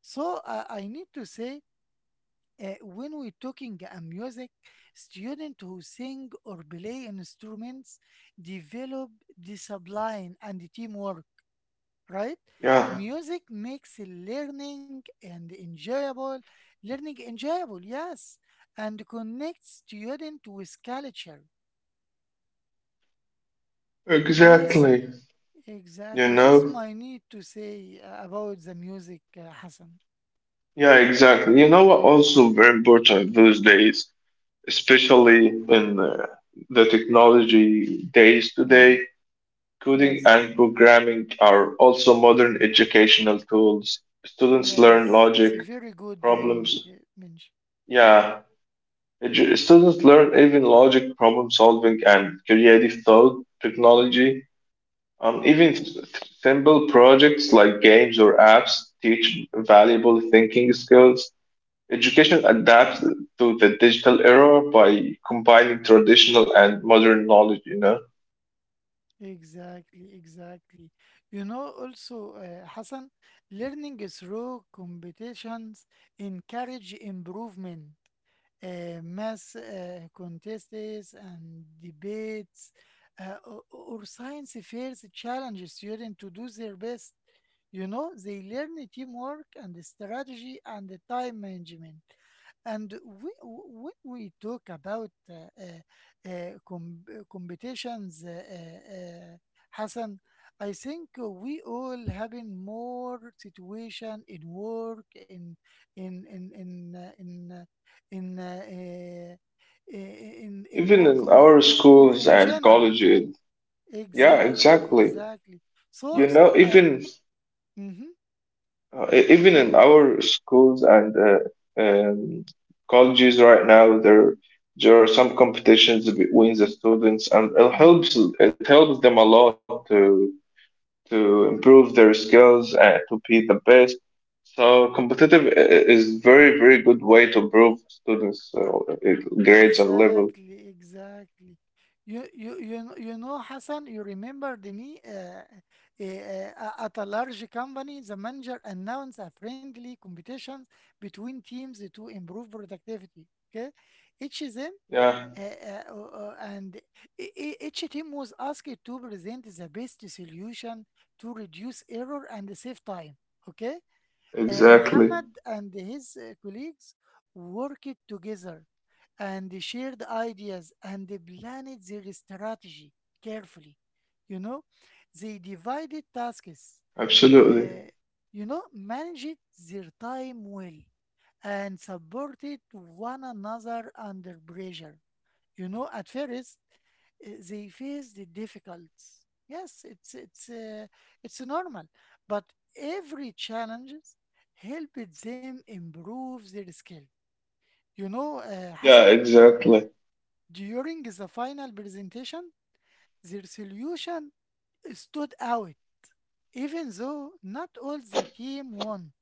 Speaker 1: So I need to say, when we're talking a music, students who sing or play instruments develop discipline and teamwork, right?
Speaker 2: Yeah.
Speaker 1: Music makes learning enjoyable, yes, and connects student with culture. Yes,
Speaker 2: Exactly. You
Speaker 1: exactly. This is
Speaker 2: know?
Speaker 1: my need to say about the music, Hassan.
Speaker 2: Yeah, exactly. You know what also very important those days, especially in the technology days today,
Speaker 1: hmm
Speaker 2: coding and
Speaker 1: Yes,
Speaker 2: programming are also modern educational tools. Students learn
Speaker 1: yes,
Speaker 2: logic,
Speaker 1: it's a very good point,
Speaker 2: problems.
Speaker 1: Minj.
Speaker 2: Yeah, students learn even logic, problem solving, and creative thought technology. Even simple projects like games or apps teach valuable thinking skills. Education adapts to the digital era by combining traditional and modern knowledge, you know.
Speaker 1: Exactly, exactly. You know, also, Hassan, learning through competitions encourage improvement. Math contests and debates, or science fairs challenge students to do their best. You know, they learn teamwork and strategy and the time management. And we, when we talk about competitions, Hassan, I think we all having more situation in work, in in in uh, in uh, in in
Speaker 2: Even
Speaker 1: work
Speaker 2: in
Speaker 1: or
Speaker 2: our
Speaker 1: or, or
Speaker 2: schools
Speaker 1: in
Speaker 2: and
Speaker 1: general.
Speaker 2: colleges, yeah,
Speaker 1: Exactly,
Speaker 2: exactly.
Speaker 1: exactly.
Speaker 2: You
Speaker 1: So
Speaker 2: know,
Speaker 1: so.
Speaker 2: even
Speaker 1: Mm-hmm,
Speaker 2: uh, even in
Speaker 1: okay.
Speaker 2: our schools and colleges right now, there are some competitions between the students, and it helps
Speaker 1: Mm-hmm.
Speaker 2: it helps them a lot to improve their skills and to be the best. So competitive is very, very good way to improve students' i- grades and level.
Speaker 1: Exactly, exactly. Hassan, you remembered me at a large company, the manager announced a friendly competition between teams to improve productivity. Okay, each team
Speaker 2: Yeah,
Speaker 1: and each team was asked to present the best solution to reduce error and save time. Okay,
Speaker 2: exactly.
Speaker 1: Muhammad and his colleagues worked together and shared ideas and planned their strategy carefully. You know, they divided
Speaker 2: Absolutely.
Speaker 1: tasks, uh, managed their time well and supported one another under pressure. You know, at first, they face the difficulties. Yes, it's normal, but every challenges helped them improve their skill. You know,
Speaker 2: Yeah,
Speaker 1: Hassan,
Speaker 2: exactly.
Speaker 1: during the final presentation, their solution stood out, even though not all the team won.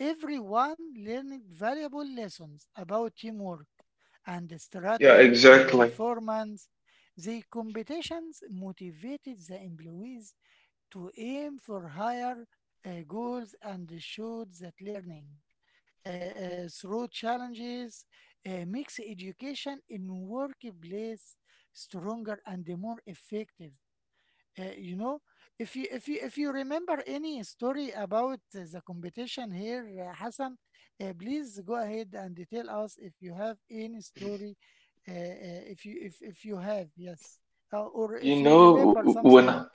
Speaker 1: Everyone learned valuable lessons about teamwork and the
Speaker 2: Yeah,
Speaker 1: strategy and the
Speaker 2: exactly.
Speaker 1: performance. The competitions motivated the employees to aim for higher goals and showed that learning through challenges makes education in workplace stronger and more effective. You know, if you remember any story about the competition here, Hassan, please go ahead and tell us if you have any story. If if you have, yes, or
Speaker 2: You
Speaker 1: if you
Speaker 2: know,
Speaker 1: remember
Speaker 2: w- when
Speaker 1: something,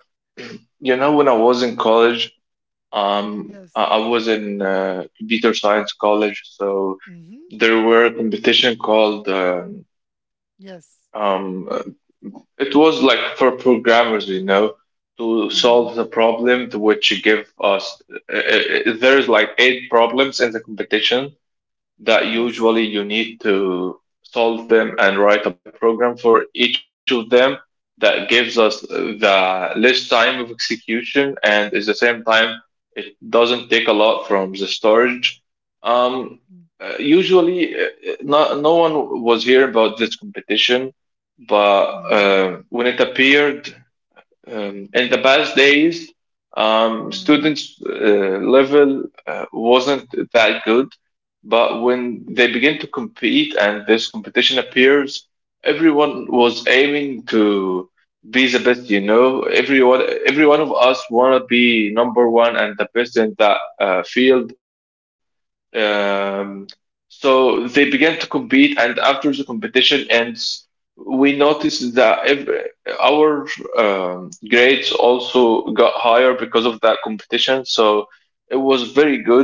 Speaker 2: you know when I was in college, um, I
Speaker 1: yes.
Speaker 2: I was in computer science college, so
Speaker 1: Mm-hmm.
Speaker 2: there were a competition called
Speaker 1: Yes.
Speaker 2: um, it was like for programmers, you know, to solve the
Speaker 1: Mm-hmm.
Speaker 2: problem to which you give us. There's like eight problems in the competition, that
Speaker 1: Yes.
Speaker 2: usually you need to solve them and write a program for each of them that gives us the less time of execution and at the same time it doesn't take a lot from the storage. Um, usually, no, no one was here about this competition, but
Speaker 1: Mm-hmm.
Speaker 2: when it appeared, in the past days,
Speaker 1: Mm-hmm.
Speaker 2: students' level wasn't that good, but when they begin to compete and this competition appears, everyone was aiming to be the best. You know, everyone, every one of us wanna be number one and the best in that field. Um, so they began to compete, and after the competition ends, we noticed that ev our grades also got higher because of that competition. So it was very good.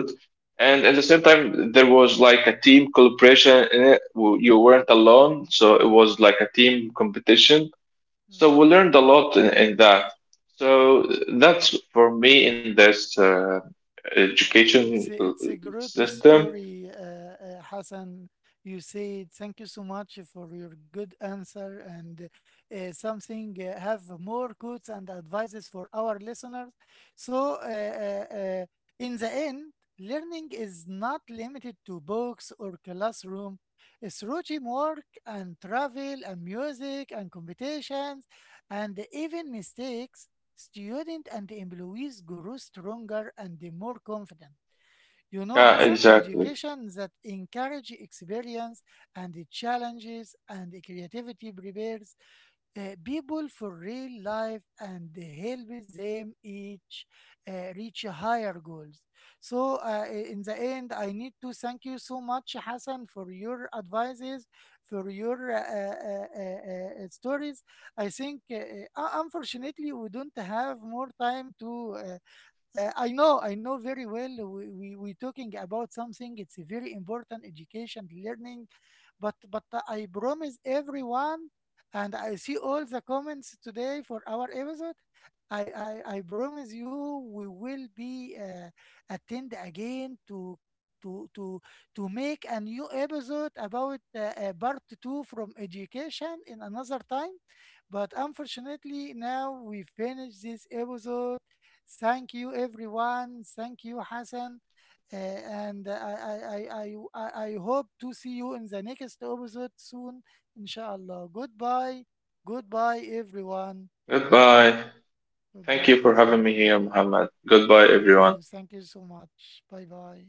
Speaker 2: And at the same time, there was like a team collaboration in it. You weren't alone, so it was like a team competition. So we
Speaker 1: Mm-hmm.
Speaker 2: learned a lot in
Speaker 1: Yes.
Speaker 2: that. So that's for me in this. Uh,
Speaker 1: Wow,
Speaker 2: education
Speaker 1: it's a,
Speaker 2: uh,
Speaker 1: it's a great
Speaker 2: system.
Speaker 1: story, Hassan. You said thank you so much for your good answer and something have more quotes and advices for our listeners. So, in the end, learning is not limited to books or classroom. It's through teamwork and travel and music and competitions and even mistakes students and employees grow stronger and more confident. You know, Hassan,
Speaker 2: Yeah,
Speaker 1: education
Speaker 2: exactly.
Speaker 1: that encourage experience and challenges and creativity prepares people for real life and help them each reach higher goals. So, in the end, I need to thank you so much, Hassan, for your advices, for your stories. I think, unfortunately, we don't have more time to. I know very well. We talking about something. It's a very important education, learning, but I promise everyone, and I see all the comments today for our episode. I promise you, we will be attend again to. To, to to make a new episode about part two from education in another time. But unfortunately now we finish this episode. Thank you, everyone. Thank you, Hassan. And I hope to see you in the next episode soon, inshallah. Goodbye. Goodbye, everyone.
Speaker 2: Goodbye. Thank
Speaker 1: Goodbye,
Speaker 2: you for having
Speaker 1: Hassan.
Speaker 2: me
Speaker 1: Bye.
Speaker 2: here, Muhammad. Goodbye,
Speaker 1: Me
Speaker 2: everyone.
Speaker 1: too. Thank you so much. Bye bye.